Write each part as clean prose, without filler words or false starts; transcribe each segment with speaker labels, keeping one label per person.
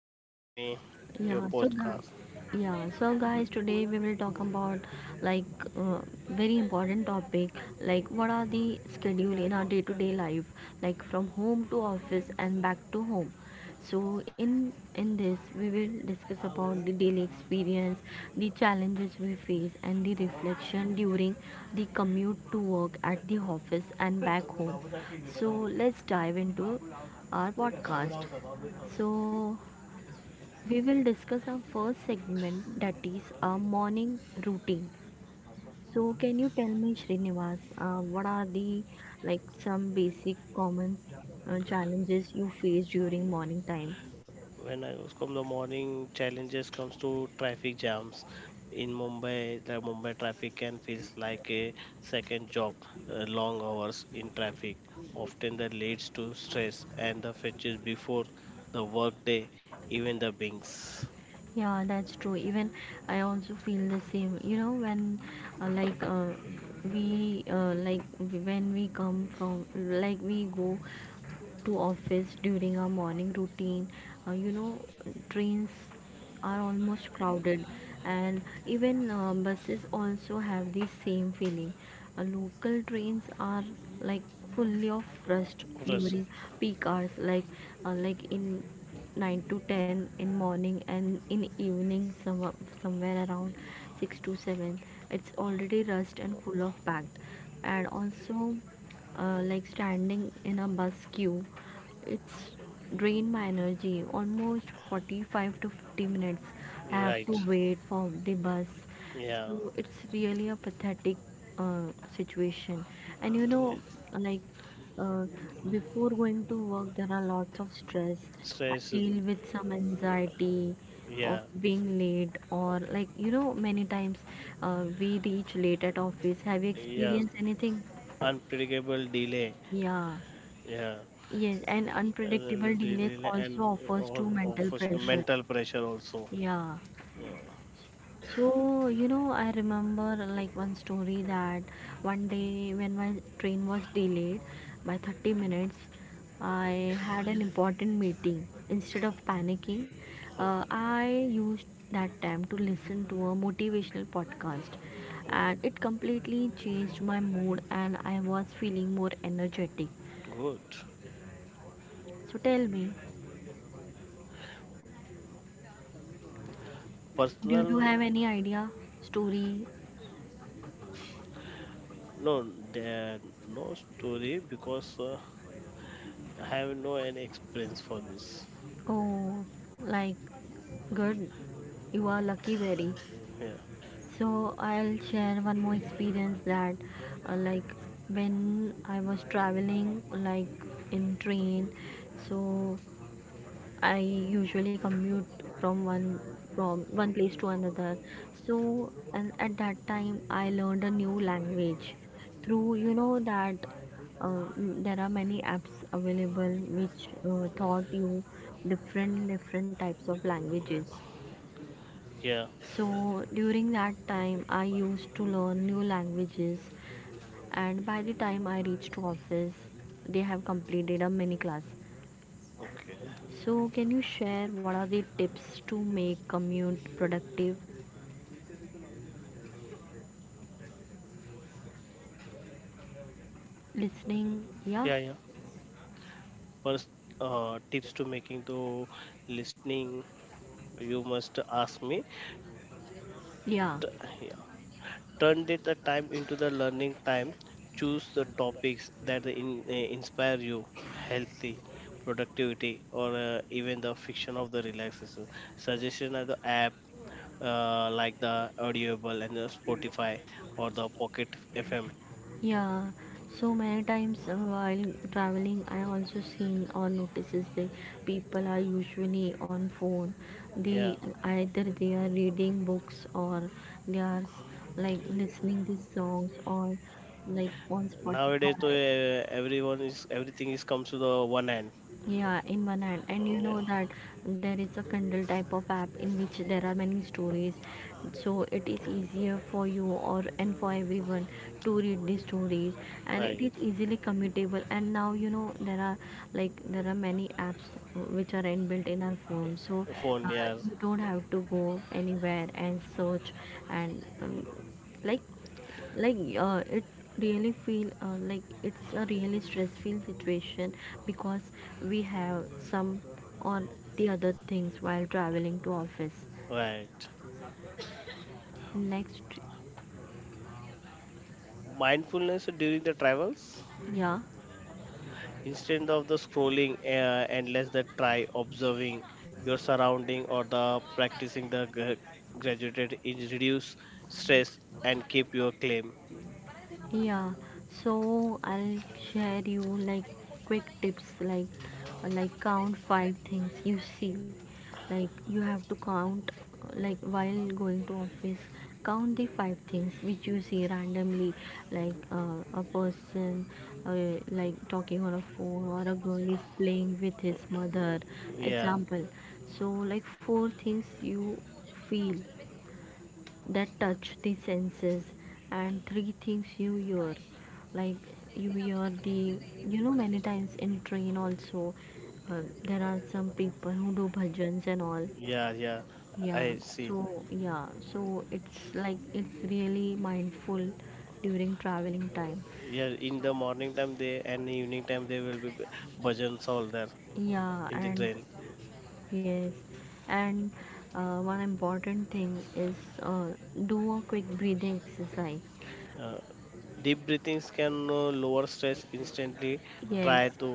Speaker 1: So
Speaker 2: for
Speaker 1: guys,
Speaker 2: calling me your
Speaker 1: yeah, so guys,
Speaker 2: podcast.
Speaker 1: yeah, so guys, today we will talk about like uh, very important topic, like what are the schedule in our day-to-day life, like from home to office and back to home. So in this we will discuss about the daily experience, the challenges we face, and the reflection during the commute to work at the office and back home. So let's dive into our podcast. So we will discuss our first segment, that is our morning routine. So can you tell me Srinivas, what are the, like, some basic common challenges you face during morning time?
Speaker 2: When I was come the morning challenges comes to traffic jams in Mumbai. The Mumbai traffic can feels like a second job. Long hours in traffic often that leads to stress and the fetches before the work day, even the binks.
Speaker 1: Yeah, that's true. Even I also feel the same. You know, when uh, like uh, when we come from, like, we go to office during our morning routine, you know, trains are almost crowded, and even buses also have the same feeling. Local trains are, like, fully of rust
Speaker 2: That's
Speaker 1: during peak hours, like in 9 to 10 in morning, and in evening somewhere around 6 to 7 it's already rust and full of packed. And also, like, standing in a bus queue, it's drained my energy almost 45 to 50 minutes. I have to
Speaker 2: right.
Speaker 1: wait for the bus.
Speaker 2: Yeah.
Speaker 1: So it's really a pathetic, uh, situation. And you know, like uh, before going to work, there are lots of stress. I
Speaker 2: Stress.
Speaker 1: deal with some anxiety of
Speaker 2: Yeah.
Speaker 1: being late, or, like, you know, many times we reach late at office. Have you
Speaker 2: Yeah.
Speaker 1: experienced anything?
Speaker 2: Unpredictable delay.
Speaker 1: Yeah.
Speaker 2: Yeah.
Speaker 1: Yes, and unpredictable delays
Speaker 2: Daily
Speaker 1: also
Speaker 2: and
Speaker 1: offers
Speaker 2: or
Speaker 1: to mental
Speaker 2: offers the
Speaker 1: pressure.
Speaker 2: mental pressure also.
Speaker 1: Yeah.
Speaker 2: Yeah.
Speaker 1: So, you know, I remember like one story that one day when my train was delayed by 30 minutes, I had an important meeting. Instead of panicking,
Speaker 2: Oh,
Speaker 1: I used that time to listen to a motivational podcast,
Speaker 2: oh,
Speaker 1: and it completely changed my mood and I was feeling more energetic.
Speaker 2: good.
Speaker 1: So tell me, do you
Speaker 2: Personal,
Speaker 1: have any idea? Story?
Speaker 2: no, there no story because I have no any experience for this.
Speaker 1: Oh, like, good. You are lucky, very.
Speaker 2: Yeah.
Speaker 1: So, I'll share one more experience that, like, when I was traveling, like, in train, so I usually commute from one from one place to another. So and at that time I learned a new language through, you know, that there are many apps available which taught you different different types of languages.
Speaker 2: Yeah.
Speaker 1: So during that time I used to learn new languages, and by the time I reached to office they have completed a mini class.
Speaker 2: Okay.
Speaker 1: So, can you share what are the tips to make commute productive? Listening, yeah,
Speaker 2: Yeah, yeah. First, tips to making to listening. You must ask me.
Speaker 1: yeah,
Speaker 2: T- Yeah. Turn the time into the learning time. Choose the topics that inspire you, healthy, productivity, or even the fiction of the relaxation. Suggestion of the app like the Audible and the Spotify or the Pocket FM.
Speaker 1: yeah. So many times while traveling, I also seen or notices the people are usually on phone.
Speaker 2: Yeah,
Speaker 1: They either they are reading books or they are, like, listening these songs or like on
Speaker 2: nowadays to
Speaker 1: Spotify.
Speaker 2: everyone is everything is comes to the one hand.
Speaker 1: Yeah, in one hand, and you
Speaker 2: Yeah,
Speaker 1: know that there is a Kindle type of app in which there are many stories, so it is easier for you or and for everyone to read these stories, and it
Speaker 2: right.
Speaker 1: is easily commutable. And now you know there are, like, there are many apps which are inbuilt in our phone, so
Speaker 2: Phone,
Speaker 1: uh,
Speaker 2: yeah,
Speaker 1: you don't have to go anywhere and search and like it really feel like it's a really stressful situation, because we have some on the other things while traveling to office
Speaker 2: right.
Speaker 1: next.
Speaker 2: Mindfulness during the travels.
Speaker 1: Yeah.
Speaker 2: Instead of the scrolling endless, that try observing your surrounding or the practicing the graduated is reduce stress and keep your claim.
Speaker 1: Yeah, so I'll share you like quick tips, like count five things you see. Like you have to count, like, while going to office, count the five things which you see randomly, like a person like talking on a phone, or a girl is playing with his mother,
Speaker 2: yeah
Speaker 1: example. So like four things you feel, that touch the senses, and three things you hear, like you hear the, you know, many times in train also there are some people who do bhajans and all.
Speaker 2: yeah yeah
Speaker 1: Yeah,
Speaker 2: I see.
Speaker 1: so yeah, so it's like it's really mindful during traveling time.
Speaker 2: Yeah, in the morning time they and evening time they will be bhajans all there
Speaker 1: Yeah,
Speaker 2: in the
Speaker 1: and
Speaker 2: train.
Speaker 1: yes, and one important thing is, uh, do a quick breathing exercise.
Speaker 2: uh, Deep breathings can lower stress instantly. Try
Speaker 1: Yes.
Speaker 2: to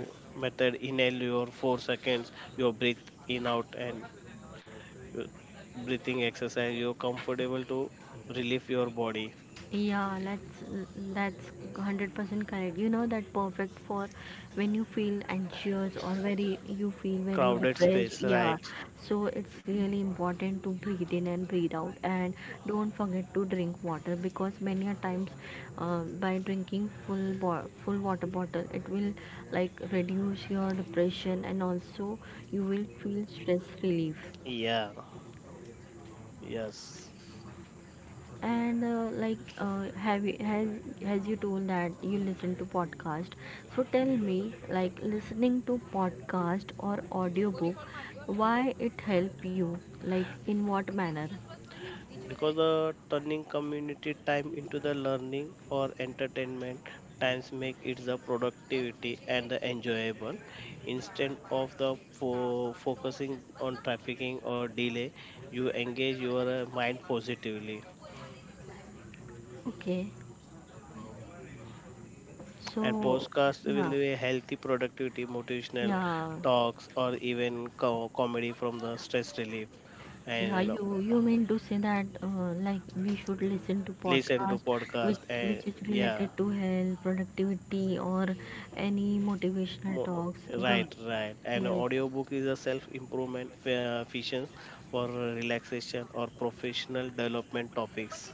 Speaker 2: method inhale your 4 seconds your breathe in out and your breathing exercise you're comfortable to relieve your body.
Speaker 1: Yeah, that's 100% correct. You know that perfect for when you feel anxious, or very, you feel very
Speaker 2: Crowded
Speaker 1: depressed.
Speaker 2: space,
Speaker 1: Yeah.
Speaker 2: right.
Speaker 1: So it's really important to breathe in and breathe out, and don't forget to drink water, because many a times by drinking full water bottle it will, like, reduce your depression and also you will feel stress relief.
Speaker 2: Yeah. Yes.
Speaker 1: And have you, has you told that you listen to podcast? So tell me, like, listening to podcast or audiobook, why it help you? Like, in what manner?
Speaker 2: Because the turning community time into the learning or entertainment times make it the productivity and the enjoyable instead of the focusing on trafficking or delay, you engage your mind positively.
Speaker 1: Okay,
Speaker 2: And
Speaker 1: so
Speaker 2: podcast will
Speaker 1: yeah,
Speaker 2: be a healthy productivity motivational
Speaker 1: yeah,
Speaker 2: talks or even comedy from the stress relief.
Speaker 1: yeah.
Speaker 2: And
Speaker 1: You mean to say that like we should listen to
Speaker 2: listen to
Speaker 1: podcast
Speaker 2: podcast and
Speaker 1: which is
Speaker 2: yeah.
Speaker 1: related to health, productivity, or any motivational
Speaker 2: mo-
Speaker 1: talks? Good.
Speaker 2: right, right. And
Speaker 1: Yes.
Speaker 2: audiobook is a self improvement fiction for relaxation or professional development topics.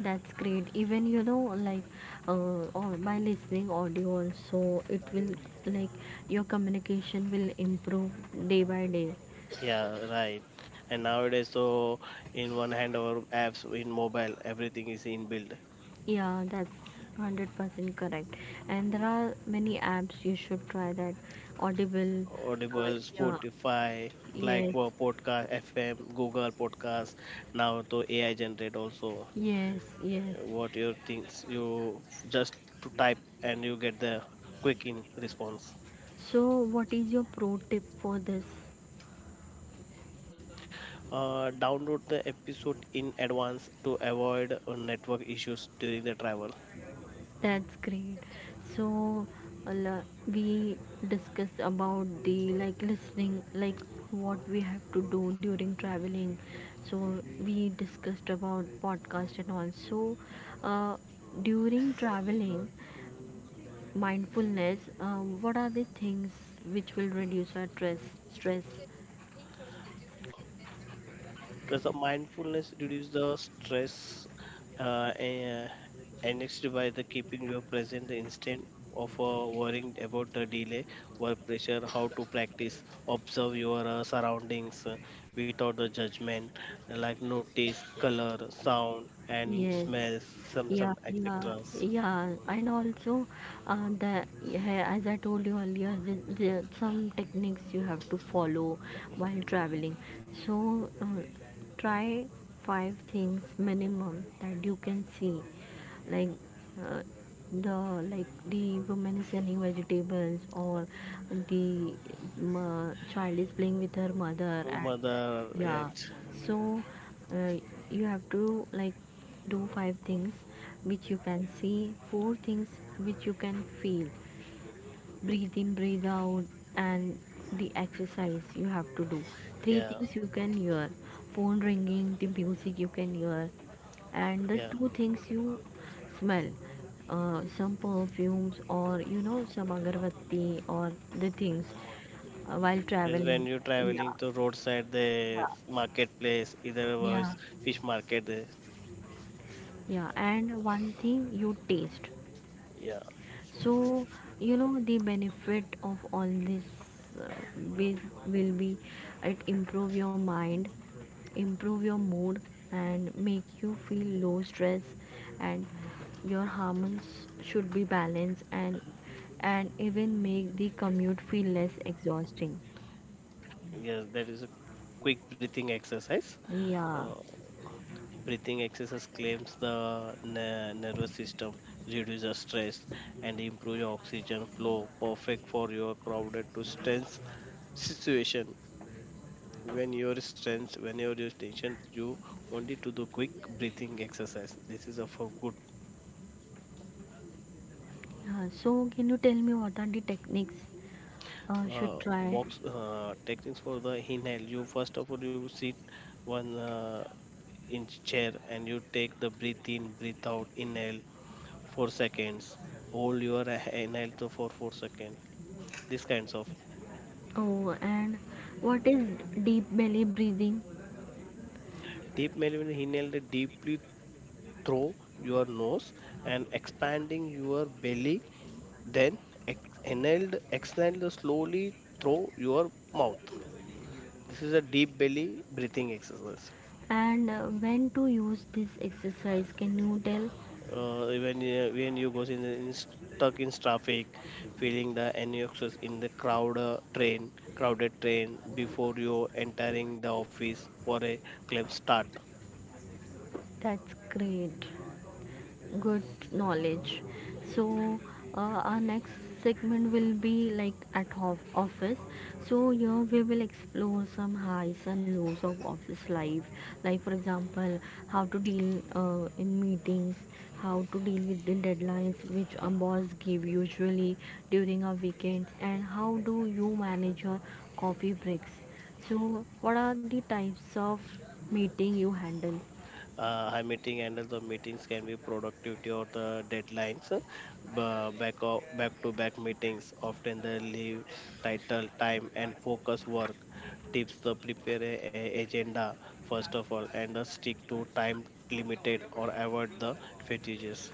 Speaker 1: That's great. Even you know, like, or by listening audio also, it will, like, your communication will improve day by day.
Speaker 2: Yeah, right. And nowadays so in one hand our apps in mobile everything is inbuilt.
Speaker 1: Yeah, that's 100% correct. And there are many apps you should try, that Audible.
Speaker 2: Audible,
Speaker 1: Yeah.
Speaker 2: Spotify, like
Speaker 1: Yes.
Speaker 2: Podcast FM, Google Podcast. Now to AI generate also
Speaker 1: Yes. Yes.
Speaker 2: what your things you just to type and you get the quick in response.
Speaker 1: So, what is your pro tip for this?
Speaker 2: Download the episode in advance to avoid network issues during the travel.
Speaker 1: That's great. So, we discuss about the like listening, like what we have to do during traveling. So, we discussed about podcast and also, uh, during traveling, mindfulness. What are the things which will reduce our stress? Stress.
Speaker 2: Plus, the mindfulness reduce the stress and annexed by the keeping your present the instant of worrying about the delay, work pressure, how to practice, observe your surroundings without the judgment, like notice color, sound, and
Speaker 1: Yes.
Speaker 2: smells, some
Speaker 1: Yeah,
Speaker 2: some
Speaker 1: yeah,
Speaker 2: etc.
Speaker 1: yeah. And also, the yeah, as I told you earlier, some techniques you have to follow while traveling. So, try five things minimum that you can see, like uh, the like the woman is selling vegetables, or the child is playing with her mother, and
Speaker 2: Mother,
Speaker 1: yeah,
Speaker 2: right.
Speaker 1: so uh, you have to, like, do five things which you can see, four things which you can feel. Breathe in, breathe out, and the exercise you have to do. Three
Speaker 2: Yeah,
Speaker 1: things you can hear: phone ringing, the music you can hear, and the
Speaker 2: yeah.
Speaker 1: two things you smell, some perfumes, or you know, some agarbatti or the things while
Speaker 2: Yes, when
Speaker 1: traveling.
Speaker 2: you're
Speaker 1: Yeah,
Speaker 2: traveling to roadside,
Speaker 1: yeah,
Speaker 2: the marketplace, either
Speaker 1: yeah.
Speaker 2: was fish market, there.
Speaker 1: Yeah, and one thing you taste.
Speaker 2: Yeah.
Speaker 1: So, you know, the benefit of all this, uh, will, will be it improve your mind, improve your mood, and make you feel low stress, and your hormones should be balanced, and even make the commute feel less exhausting.
Speaker 2: Yes, that is a quick breathing exercise.
Speaker 1: Yeah.
Speaker 2: Uh, Breathing exercise claims the nervous system, reduces stress, and improves oxygen flow. Perfect for your crowded to tense situation. When your are stressed, when your tension, you only to do quick breathing exercise. This is a for good.
Speaker 1: Yeah. So, can you tell me what are the techniques should try?
Speaker 2: Box techniques for the inhale. You first of all you sit one in chair and you take the breathe in, breathe out, inhale 4 seconds. Hold your inhale to for 4 seconds. This kinds of
Speaker 1: Oh, and what is deep belly breathing?
Speaker 2: deep melon inhale the deeply through your nose and expanding your belly. Then inhale, exhale the slowly through your mouth. This is a deep belly breathing exercise.
Speaker 1: And when to use this exercise? Can you tell?
Speaker 2: When you, when you goes in stuck in traffic, feeling the anxious in the crowd train, crowded train before you entering the office for a claim start.
Speaker 1: That's great. Good knowledge. So, our next segment will be like at office. So here we will explore some highs and lows of office life, like for example, how to deal in meetings, how to deal with the deadlines which a boss give usually during our weekends, and how do you manage your coffee breaks. So what are the types of meeting you handle?
Speaker 2: High meeting handles or meetings can be productivity or the deadlines b- back o- back to back meetings often they leave title time and focus work. Tips the prepare a agenda first of all and the stick to time limited or avoid the fatigues.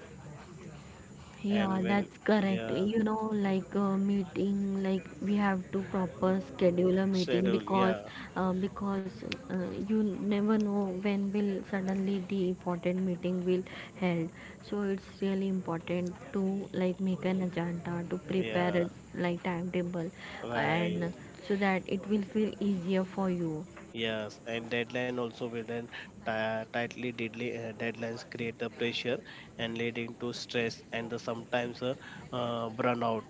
Speaker 2: And
Speaker 1: Yeah,
Speaker 2: when,
Speaker 1: that's correct.
Speaker 2: yeah,
Speaker 1: You know, like, meeting, like we have to proper schedule a meeting,
Speaker 2: schedule,
Speaker 1: because
Speaker 2: yeah,
Speaker 1: uh, because uh, you never know when will suddenly the important meeting will held. So it's really important to, like, make an agenda to prepare
Speaker 2: yeah,
Speaker 1: a, like, timetable,
Speaker 2: right.
Speaker 1: and so that it will feel easier for you.
Speaker 2: Yes, and deadline also will then tightly deadly, deadlines create the pressure and leading to stress and the sometimes burnout.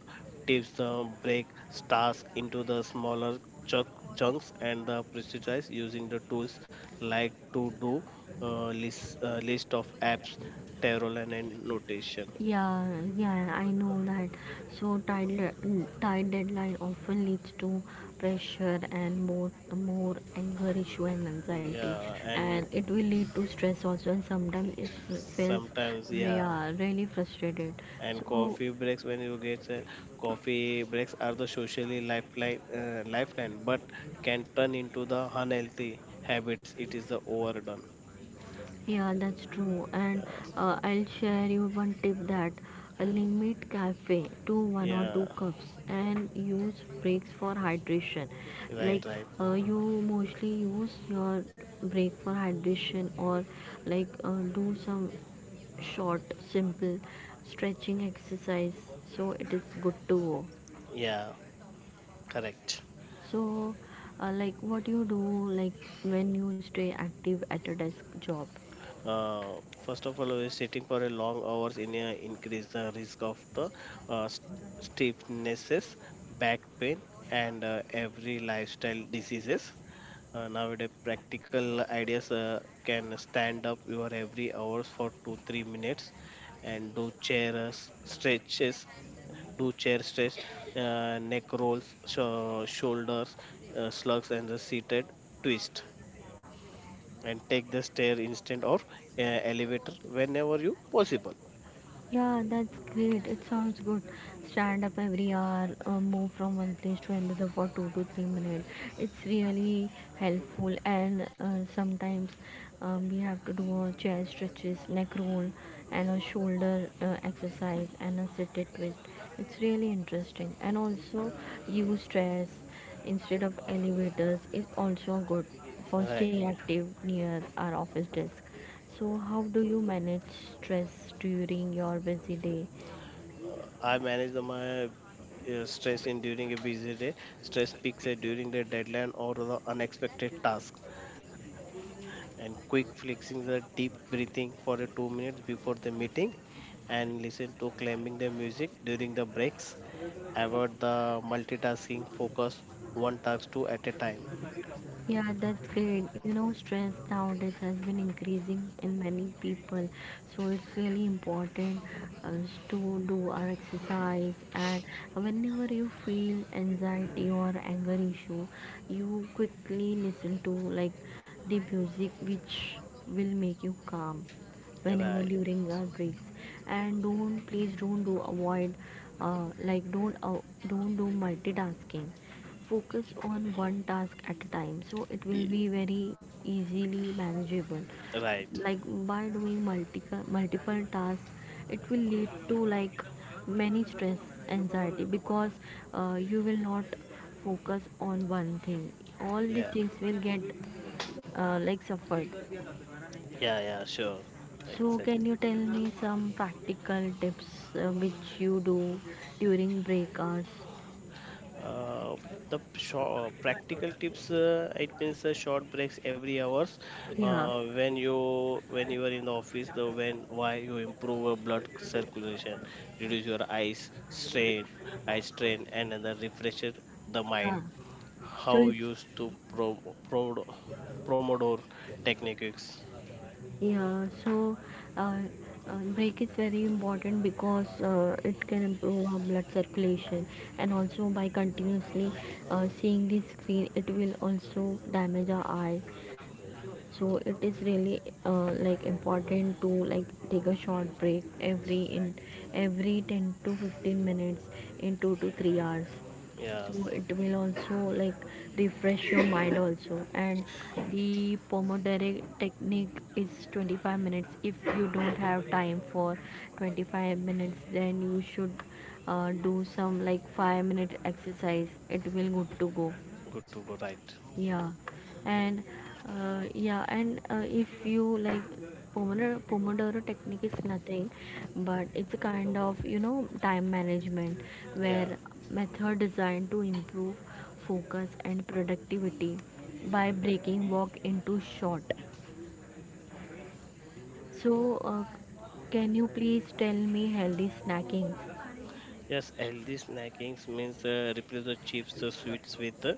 Speaker 2: Tips the break tasks into the smaller chunk, chunks and the prioritize using the tools like to do uh, list of apps, Tarot and notation.
Speaker 1: Yeah, yeah, I know that. So tight, tight deadline often leads to pressure and more anger issue and anxiety,
Speaker 2: Yeah, and
Speaker 1: and it will lead to stress also. And sometimes it feels,
Speaker 2: sometimes, yeah,
Speaker 1: yeah, really frustrated.
Speaker 2: and
Speaker 1: So
Speaker 2: coffee breaks when you get coffee breaks are the socially lifeline lifeline but can turn into the unhealthy habits it is the overdone.
Speaker 1: yeah, that's true. And I'll share you one tip, that limit cafe to one or
Speaker 2: Yeah,
Speaker 1: two cups and use breaks for hydration.
Speaker 2: yeah right
Speaker 1: Like
Speaker 2: right
Speaker 1: you mostly use your break for hydration, or like do some short, simple stretching exercise. So it is good to go.
Speaker 2: yeah correct.
Speaker 1: So, like what you do, like, when you stay active at a desk job?
Speaker 2: uh, First of all sitting for a long hours in a increase the risk of the uh, st- stiffnesses, back pain, and every lifestyle diseases. Nowadays, practical ideas can stand up your every hours for 2 3 minutes, and do chair stretches, do chair stretch, neck rolls, shoulders, slugs, and the seated twist, and take the stair instead of uh, elevator whenever you possible.
Speaker 1: Yeah, that's great. It sounds good. Stand up every hour, move from one place to another for 2 to 3 minutes. It's really helpful. And sometimes we have to do a chair stretches, neck roll, and a shoulder exercise, and a seated twist. It's really interesting. And also use stairs instead of elevators is also good for staying
Speaker 2: Right.
Speaker 1: active near our office desk. So, how do you manage stress during your busy day?
Speaker 2: I manage my stress in during a busy day. Stress peaks at during the deadline or the unexpected task. And quick flexing the deep breathing for a 2 minutes before the meeting and listen to climbing the music during the breaks, avoid the multitasking, focus one task two at a time.
Speaker 1: Yeah, that's great. You know, stress nowadays has been increasing in many people, so it's really important, uh, to do our exercise. And whenever you feel anxiety or anger issue, you quickly listen to like the music which will make you calm whenever
Speaker 2: Right.
Speaker 1: during our breaks. And don't, please don't do, avoid like don't do multitasking. Focus on one task at a time, so it will
Speaker 2: Ye-
Speaker 1: be very easily manageable.
Speaker 2: right.
Speaker 1: like by doing multiple tasks, it will lead to like many stress, anxiety, because you will not focus on one thing. All the
Speaker 2: yeah
Speaker 1: things will get like suffered.
Speaker 2: yeah yeah sure,
Speaker 1: So, can
Speaker 2: exactly.
Speaker 1: you tell me some practical tips which you do during break hours?
Speaker 2: Uh, the short, practical tips it means short breaks every hours
Speaker 1: Yeah,
Speaker 2: when you are in the office the when why you improve your blood circulation, reduce your eyes strain, eye strain, and then refresh the
Speaker 1: yeah.
Speaker 2: mind.
Speaker 1: So
Speaker 2: How
Speaker 1: it's
Speaker 2: used to pro, promodore techniques.
Speaker 1: yeah. So, uh, break is very important because it can improve our blood circulation, and also by continuously seeing the screen, it will also damage our eye. So it is really like important to like take a short break every in every 10 to 15 minutes in 2 to 3 hours. So
Speaker 2: Yes,
Speaker 1: it will also like refresh your mind also. And the pomodoro technique is 25 minutes. If you don't have time for 25 minutes, then you should do some like 5-minute exercise. It will good to go.
Speaker 2: good to go, right.
Speaker 1: Yeah. And if you like, pomodoro technique is nothing but it's a kind of, you know, time management
Speaker 2: Yeah.
Speaker 1: where method designed to improve focus and productivity by breaking work into short. So can you please tell me healthy snacking?
Speaker 2: Yes, healthy snacking means replace the chips, the sweets with uh,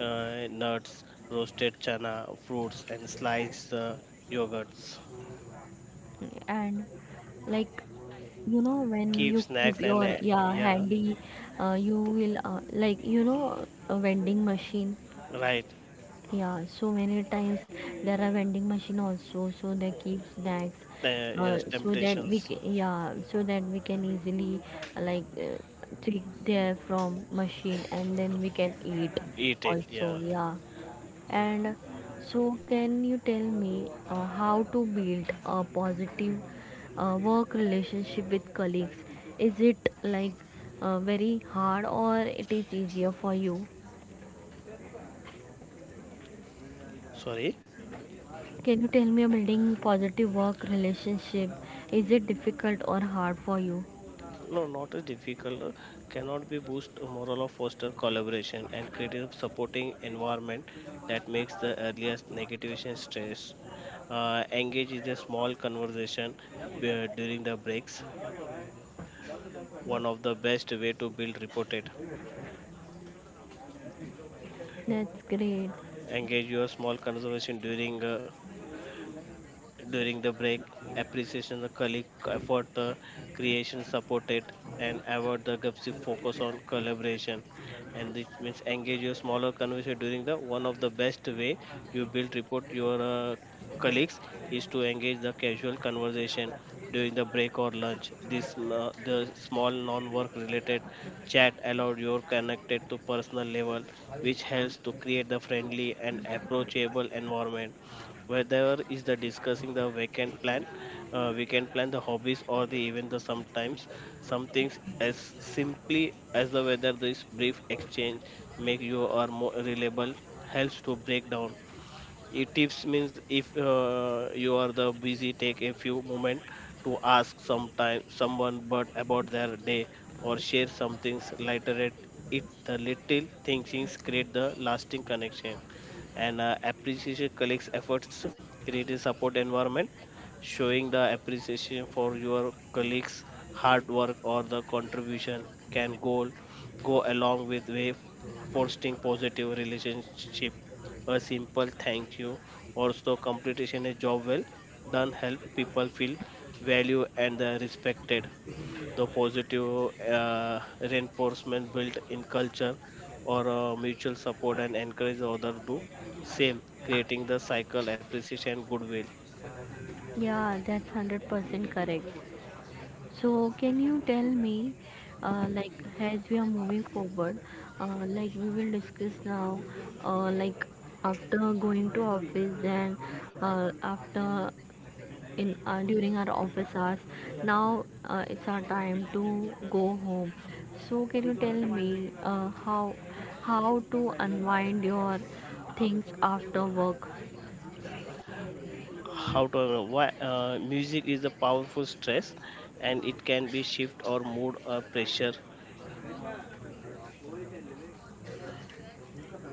Speaker 2: uh, nuts, roasted chana, fruits, and sliced yogurts.
Speaker 1: And like you know when
Speaker 2: Keep
Speaker 1: you keep
Speaker 2: snacks and
Speaker 1: your, yeah,
Speaker 2: yeah,
Speaker 1: handy, you will, like, you know, a vending machine.
Speaker 2: right.
Speaker 1: Yeah, so many times there are vending machine also, so they keep snacks,
Speaker 2: Yes,
Speaker 1: so that we
Speaker 2: temptations.
Speaker 1: ca- yeah, so that we can easily uh, like uh, take there from machine and then we can eat
Speaker 2: Eat it.
Speaker 1: also.
Speaker 2: Yeah.
Speaker 1: Yeah. And so can you tell me how to build a positive work relationship with colleagues? Is it like very hard or it is easier for you?
Speaker 2: Sorry.
Speaker 1: Can you tell me about building positive work relationship? Is it difficult or hard for you?
Speaker 2: No, not as difficult. Cannot be boost moral of foster collaboration and creative supporting environment that makes the earliest negativation stress. Engage in a small conversation during the breaks, one of the best way to build reported.
Speaker 1: That's great.
Speaker 2: Engage your small conservation during during the break, appreciation the colleague effort, the creation supported, and award the GPSI focus on collaboration. And this means engage your smaller conversation during the one of the best way you build report your colleagues is to engage the casual conversation during the break or lunch. This the small non-work related chat allowed your connected to personal level, which helps to create the friendly and approachable environment, whether is the discussing the weekend plan, the hobbies, or the even the sometimes some things as simply as the weather. This brief exchange make you are more reliable, helps to break down. It tips means if you are the busy, take a few moment to ask sometime someone but about their day or share something lighter. At it, the little things create the lasting connection. And appreciation collects efforts, create a support environment, showing the appreciation for your colleagues' hard work or the contribution can go along with way fostering positive relationship. A simple thank you. Also, completion a job well done help people feel value and respected. The positive reinforcement built in culture or mutual support and encourage other do same, creating the cycle appreciation goodwill.
Speaker 1: Yeah, that's 100% correct. So, can you tell me, uh, like, as we are moving forward, we will discuss now, uh, like, after going to office, then after in during our office hours. Now it's our time to go home. So can you tell me how to unwind your things after work?
Speaker 2: How to know why music is a powerful stress and it can be shift or mood or pressure.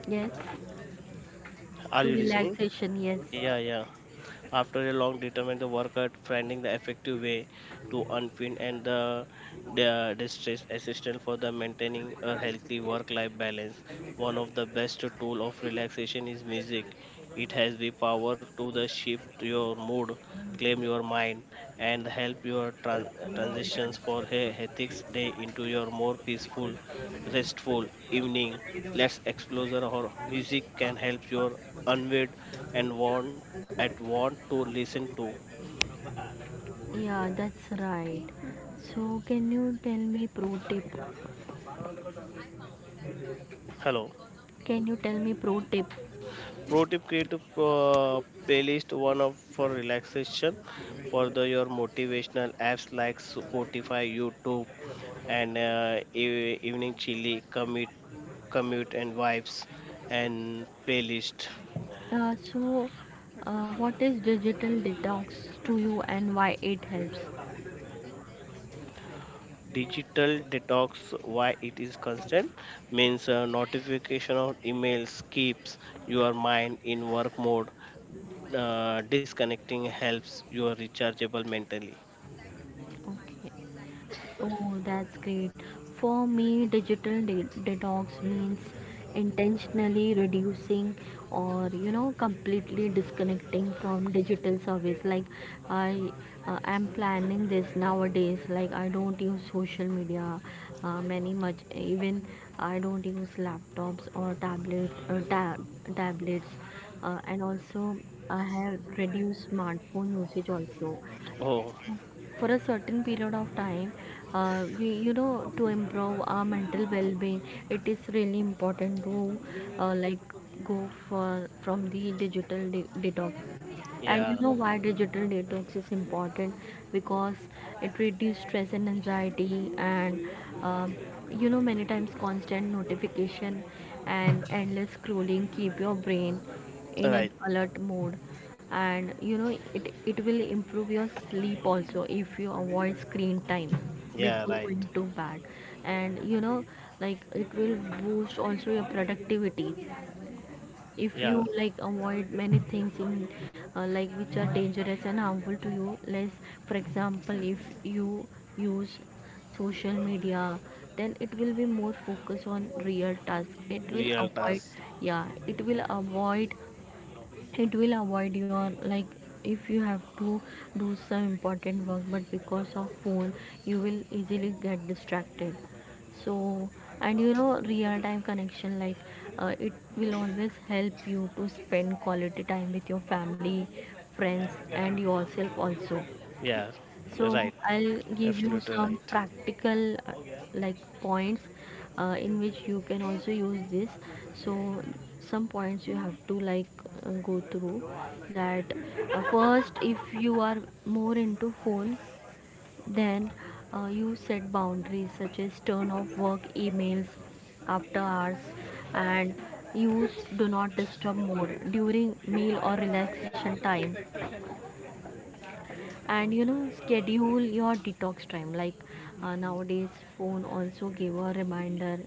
Speaker 1: Yes,
Speaker 2: Are
Speaker 1: to
Speaker 2: you listening?
Speaker 1: relaxation. Yes,
Speaker 2: Yeah, yeah. After a long determined the worker finding the effective way to unpin and the distress assistant for the maintaining a healthy work-life balance. One of the best tool of relaxation is music. It has the power to the shift your mood, claim your mind, and help your transitions for a hectic day into your more peaceful restful evening, less exposure or music can help your unwind and want at want to listen to.
Speaker 1: yeah, that's right. So can you tell me pro tip?
Speaker 2: Hello.
Speaker 1: Can you tell me pro tip?
Speaker 2: Pro tip, create a playlist, one of for relaxation for the your motivational apps like Spotify, YouTube, and evening chili commute and vibes and playlist.
Speaker 1: So, what is digital detox to you and why it helps?
Speaker 2: Digital detox, why it is constant means notification of emails keeps your mind in work mode, disconnecting helps your rechargeable mentally.
Speaker 1: Okay. Oh, that's great. For me, digital de- detox means intentionally reducing or, you know, completely disconnecting from digital service. Like I am planning this nowadays. Like I don't use social media many much. Even I don't use laptops or tablet, tab, tablets, and also I have reduced smartphone usage also
Speaker 2: Oh.
Speaker 1: for a certain period of time. We You know, to improve our mental well-being, it is really important to like go for from the digital de- detox. And
Speaker 2: Yeah,
Speaker 1: you know why digital detox is important? Because it reduces stress and anxiety, and um, you know, many times constant notification and endless scrolling keep your brain in an
Speaker 2: right.
Speaker 1: alert mode. And you know, it will improve your sleep also if you avoid screen time
Speaker 2: Yeah,
Speaker 1: before
Speaker 2: right.
Speaker 1: going to bed. And you know, it will boost also your productivity if
Speaker 2: Yeah,
Speaker 1: you like avoid many things in like which are dangerous and harmful to you less. For example, if you use social media, then it will be more focus on real task, it will
Speaker 2: real
Speaker 1: avoid,
Speaker 2: task,
Speaker 1: yeah, it will avoid, it will avoid your like, if you have to do some important work, but because of phone you will easily get distracted. So, and you know, real time connection, like, it will always help you to spend quality time with your family, friends, and yourself also.
Speaker 2: yeah,
Speaker 1: So
Speaker 2: right,
Speaker 1: I'll give you
Speaker 2: absolutely
Speaker 1: some
Speaker 2: right.
Speaker 1: practical like points in which you can also use this. So some points you have to like go through that. First, if you are more into phone, then you set boundaries such as turn off work emails after hours, and use do not disturb mode during meal or relaxation time. And you know, schedule your detox time, like nowadays phone also give a reminder.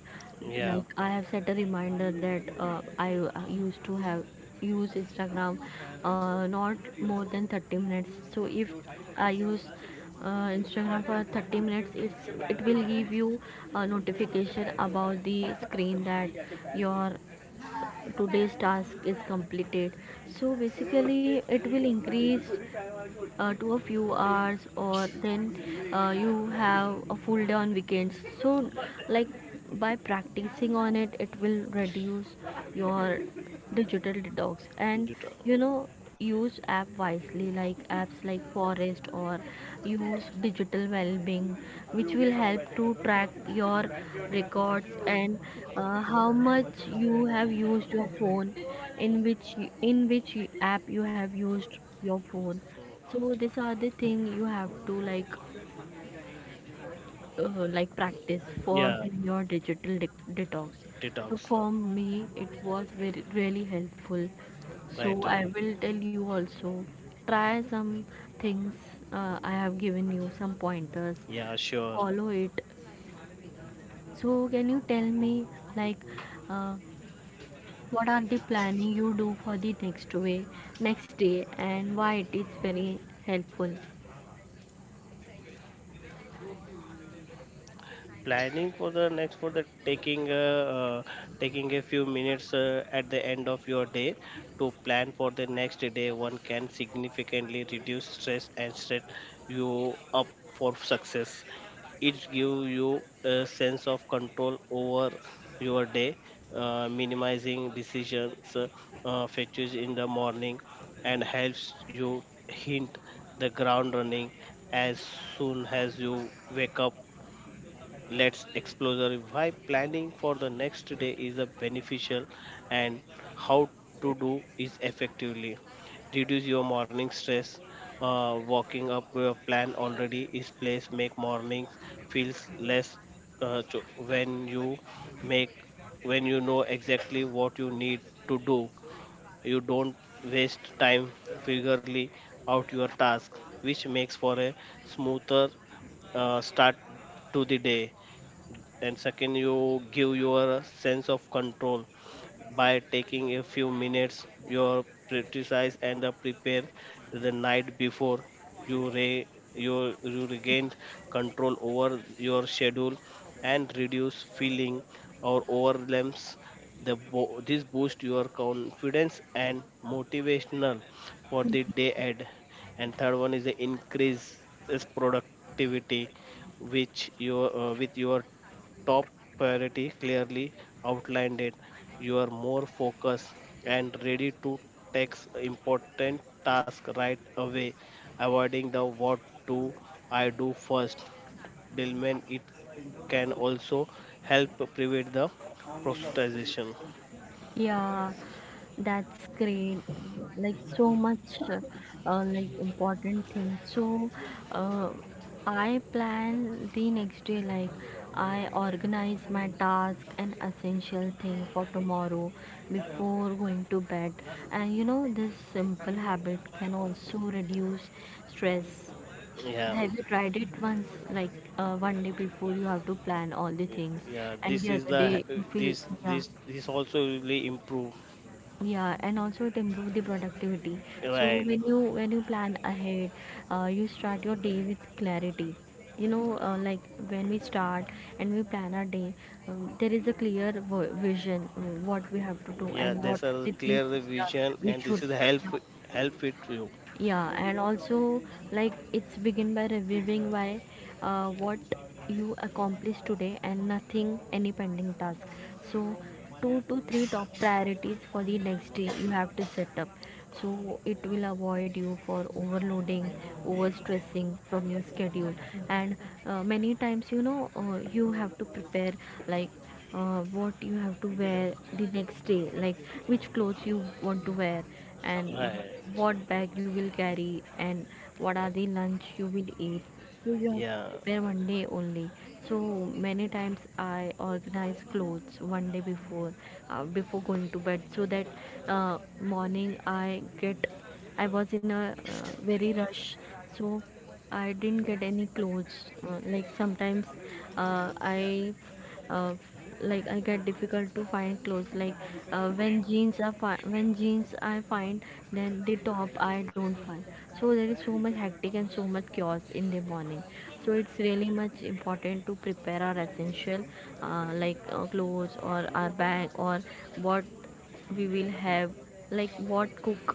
Speaker 2: yeah
Speaker 1: Like I have set a reminder that I used to have use Instagram not more than 30 minutes. So if I use Instagram for 30 minutes, it will give you a notification about the screen that your today's task is completed. So basically it will increase to a few hours or then you have a full day on weekends. So
Speaker 2: Y-
Speaker 1: like by practicing on it, it will reduce your digital detox. And you
Speaker 2: deto-
Speaker 1: know, use app wisely, like apps like Forest or use digital well-being, which will help to track your records and how much you have used your phone, in which, in which app you have used your phone. So these are the thing you have to like practice for
Speaker 2: yeah,
Speaker 1: your digital de- detox. So
Speaker 2: detox,
Speaker 1: for me, it was very really helpful. So
Speaker 2: right,
Speaker 1: I
Speaker 2: right,
Speaker 1: will tell you also try some things, I have given you some pointers.
Speaker 2: yeah, sure.
Speaker 1: Follow it. So can you tell me like uh, what are the planning you do for the next day and why it is very helpful?
Speaker 2: Planning for the next for the taking uh, taking a few minutes at the end of your day to plan for the next day one can significantly reduce stress and set you up for success. It gives you a sense of control over your day, minimizing decisions, fetches in the morning, and helps you hint the ground running as soon as you wake up. Let's explore why planning for the next day is a beneficial and how to do is effectively. Reduce your morning stress. Walking up your plan already is place make mornings feels less when you make when you know exactly what you need to do. You don't waste time figuring out your task, which makes for a smoother start to the day. And second, you give your sense of control by taking a few minutes your practice and the prepare the night before. you re you regain control over your schedule and reduce feeling or overwhelms. This boost your confidence and motivational for the day ahead. And third one is the increase is productivity, which your with your top priority clearly outlined it, you are more focused and ready to take important task right away, avoiding the what do I do first dilemma. It can also help prevent the prostatition.
Speaker 1: Yeah, that's great. Like so much, uh, like important thing. So, uh, I plan the next day. Like I organize my task and essential thing for tomorrow before going to bed. And you know, this simple habit can also reduce stress.
Speaker 2: Yeah,
Speaker 1: Have you tried it once? Like one day before, you have to plan all the things,
Speaker 2: yeah,
Speaker 1: and
Speaker 2: this
Speaker 1: the
Speaker 2: is
Speaker 1: other day
Speaker 2: the
Speaker 1: you feel,
Speaker 2: this
Speaker 1: yeah.
Speaker 2: this this also really improve.
Speaker 1: Yeah, and also it improves the productivity. So
Speaker 2: Right.
Speaker 1: when you plan ahead, you start your day with clarity. You know, when we start and we plan our day, there is a clear v- vision what we have to do
Speaker 2: Yeah,
Speaker 1: and what
Speaker 2: there's a
Speaker 1: the things
Speaker 2: clear
Speaker 1: we, are,
Speaker 2: vision
Speaker 1: we
Speaker 2: and
Speaker 1: should
Speaker 2: this is help
Speaker 1: do.
Speaker 2: help it to you.
Speaker 1: Yeah. And also it's begin by reviewing why what you accomplished today and nothing any pending task. So two to three top priorities for the next day you have to set up, so it will avoid you for overloading, overstressing from your schedule. And many times, you know, you have to prepare like what you have to wear the next day, like which clothes you want to wear, and
Speaker 2: Right.
Speaker 1: what bag you will carry, and what are the lunch you will eat. So you have to
Speaker 2: Yeah,
Speaker 1: prepare one day only. So many times I organize clothes one day before, before going to bed, so that morning I get, I was in a very rush, so I didn't get any clothes. Like sometimes I uh, like I get difficult to find clothes, like when jeans are fi- when jeans I find, then the top I don't find. So there is so much hectic and so much chaos in the morning. So it's really much important to prepare our essential clothes or our bag, or what we will have, like what cook,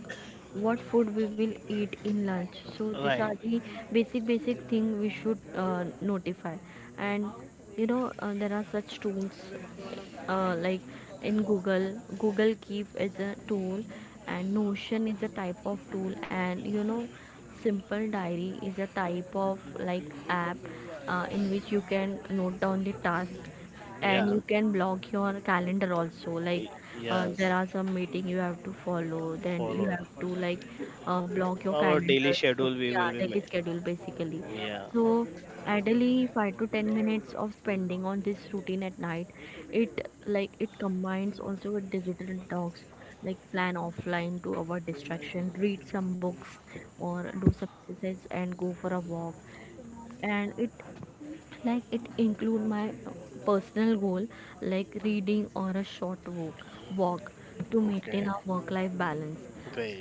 Speaker 1: what food we will eat in lunch. So these are
Speaker 2: right.
Speaker 1: the basic thing we should notify. And you know, there are such tools like, in Google, Google Keep is a tool, and Notion is a type of tool, and, you know, Simple Diary is a type of like app in which you can note down the task, and
Speaker 2: Yeah,
Speaker 1: you can block your calendar also. Like there
Speaker 2: yes.
Speaker 1: are some meeting you have to follow, then you
Speaker 2: Follow
Speaker 1: have to like block your
Speaker 2: our daily
Speaker 1: calendar. So
Speaker 2: schedule. We
Speaker 1: yeah,
Speaker 2: will be
Speaker 1: daily
Speaker 2: made.
Speaker 1: schedule basically.
Speaker 2: Yeah.
Speaker 1: So ideally 5 to 10 minutes of spending on this routine at night. It combines also with digital detox, like plan offline to avoid distraction, read some books or do some exercise and go for a walk. And it include my personal goal like reading or a short walk, walk, to maintain
Speaker 2: Okay.
Speaker 1: a work life balance.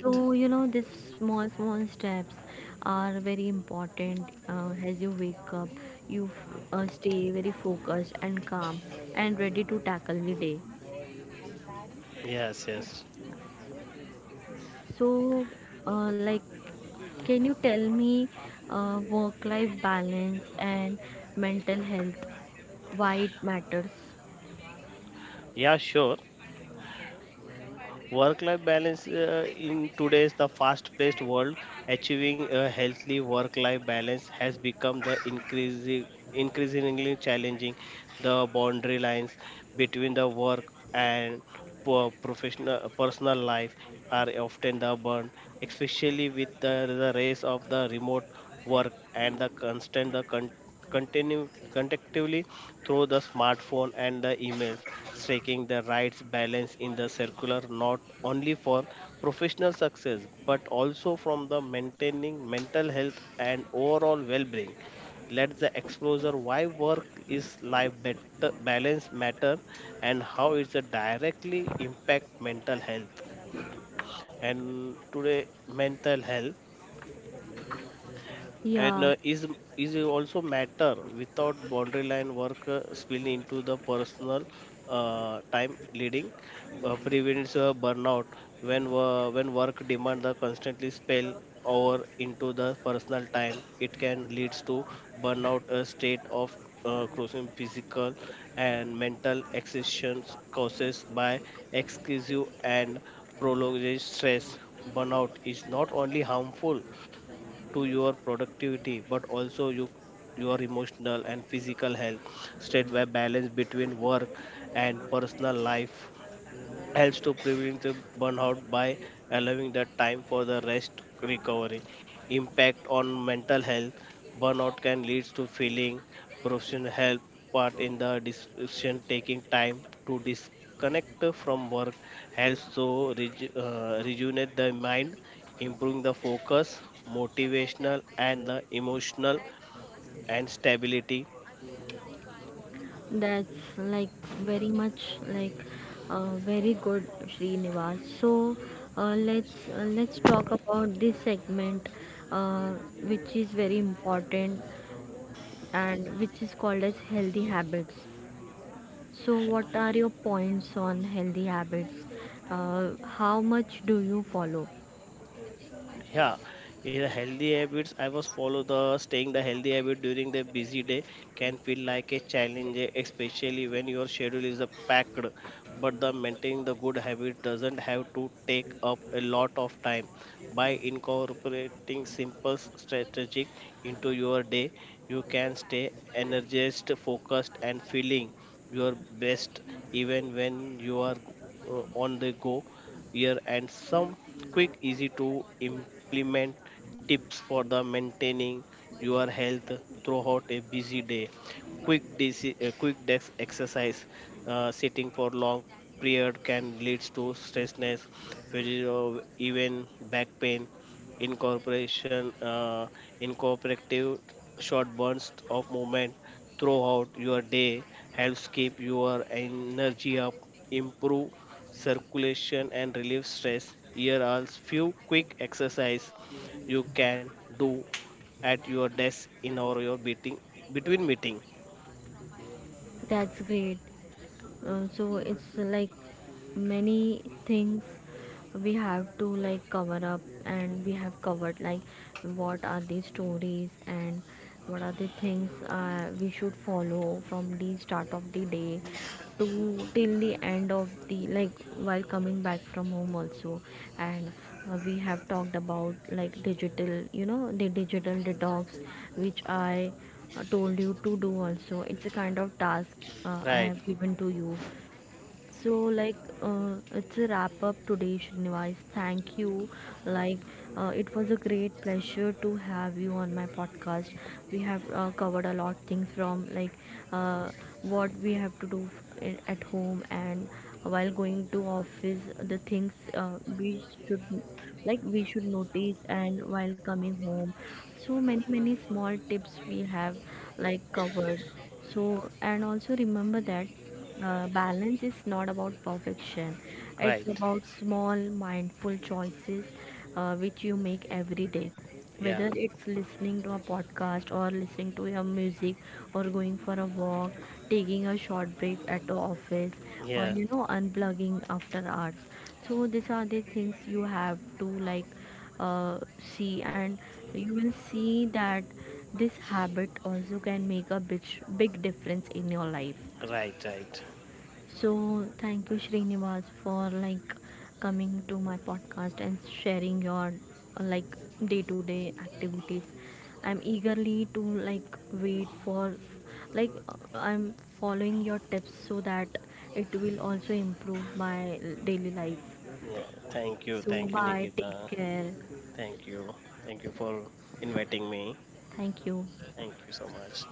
Speaker 1: So, you know, these small small steps are very important. As you wake up, you f- stay very focused and calm and ready to tackle the day.
Speaker 2: Yes. Yes.
Speaker 1: So uh, like can you tell me work life balance and mental health, why it matters?
Speaker 2: Yeah. Sure. Work life balance, in today's the fast paced world, achieving a healthy work life balance has become the increasing increasingly challenging. The boundary lines between the work and professional personal life are often the burn, especially with the race of the remote work and the constant continue contectively through the smartphone and the emails, striking the right balance in the circular not only for professional success but also from the maintaining mental health and overall well-being. Let the exposure why work is life better balance matter and how it's a directly impact mental health. And today mental health and
Speaker 1: Yeah.
Speaker 2: is also matter without boundary line. Work spill into the personal time leading prevents burnout. When when work demand the constantly spell over into the personal time, it can leads to burnout, a state of crossing physical and mental exhaustions causes by excessive and prolonged stress. Burnout is not only harmful to your productivity but also you, your emotional and physical health. Straight where balance between work and personal life helps to prevent the burnout by allowing the time for the rest recovery. Impact on mental health, burnout can lead to feeling professional help part in the decision. Taking time to disconnect from work helps to rejuvenate the mind, improving the focus motivational and the emotional and stability.
Speaker 1: That's like very much very good, Srinivas. So let's let's talk about this segment, uh, which is very important, and which is called as healthy habits. So what are your points on healthy habits? How much do you follow?
Speaker 2: Yeah, in a healthy habits I was follow the staying the healthy habit during the busy day can feel like a challenge, eh, especially when your schedule is packed, but the maintaining the good habit doesn't have to take up a lot of time. By incorporating simple strategic into your day, you can stay energized focused and feeling your best even when you are on the go. Year and some quick easy to implement tips for the maintaining your health throughout a busy day. Quick quick desk exercise. Sitting for long period can lead to stressness, even back pain. Incorporation Incorporative short bursts of movement throughout your day helps keep your energy up, improve circulation and relieve stress. Here are few quick exercise you can do at your desk in or your meeting between meeting.
Speaker 1: That's great. So it's like many things we have to like cover up, and we have covered like what are the stories and what are the things we should follow from the start of the day to till the end of the like while coming back from home also. And we have talked about like digital, you know, the digital detox which I told you to do. Also it's a kind of task I
Speaker 2: Right,
Speaker 1: have given to you. So it's a wrap up today, Srinivas. Thank you. Like it was a great pleasure to have you on my podcast. We have covered a lot things from like uh, what we have to do f- I- at home, and while going to office, the things we should, like we should notice, and while coming home. So many many small tips we have like covered. So, and also remember that balance is not about perfection,
Speaker 2: right.
Speaker 1: it's about small, mindful choices which you make every day.
Speaker 2: Yeah,
Speaker 1: Whether it's listening to a podcast or listening to your music, or going for a walk, taking a short break at the office, or,
Speaker 2: yeah.
Speaker 1: you know, unplugging after hours. So, these are the things you have to like see, and you will see that this habit also can make a big, big difference in your life.
Speaker 2: Right, right.
Speaker 1: So thank you, Srinivas, for like coming to my podcast and sharing your uh, like day-to-day activities. I'm eagerly to like wait for I'm following your tips so that it will also improve my daily life.
Speaker 2: Yeah.
Speaker 1: So
Speaker 2: Thank you,
Speaker 1: bye, take
Speaker 2: Nikita.
Speaker 1: care.
Speaker 2: Thank you, thank you for inviting me.
Speaker 1: Thank you.
Speaker 2: Thank you so much.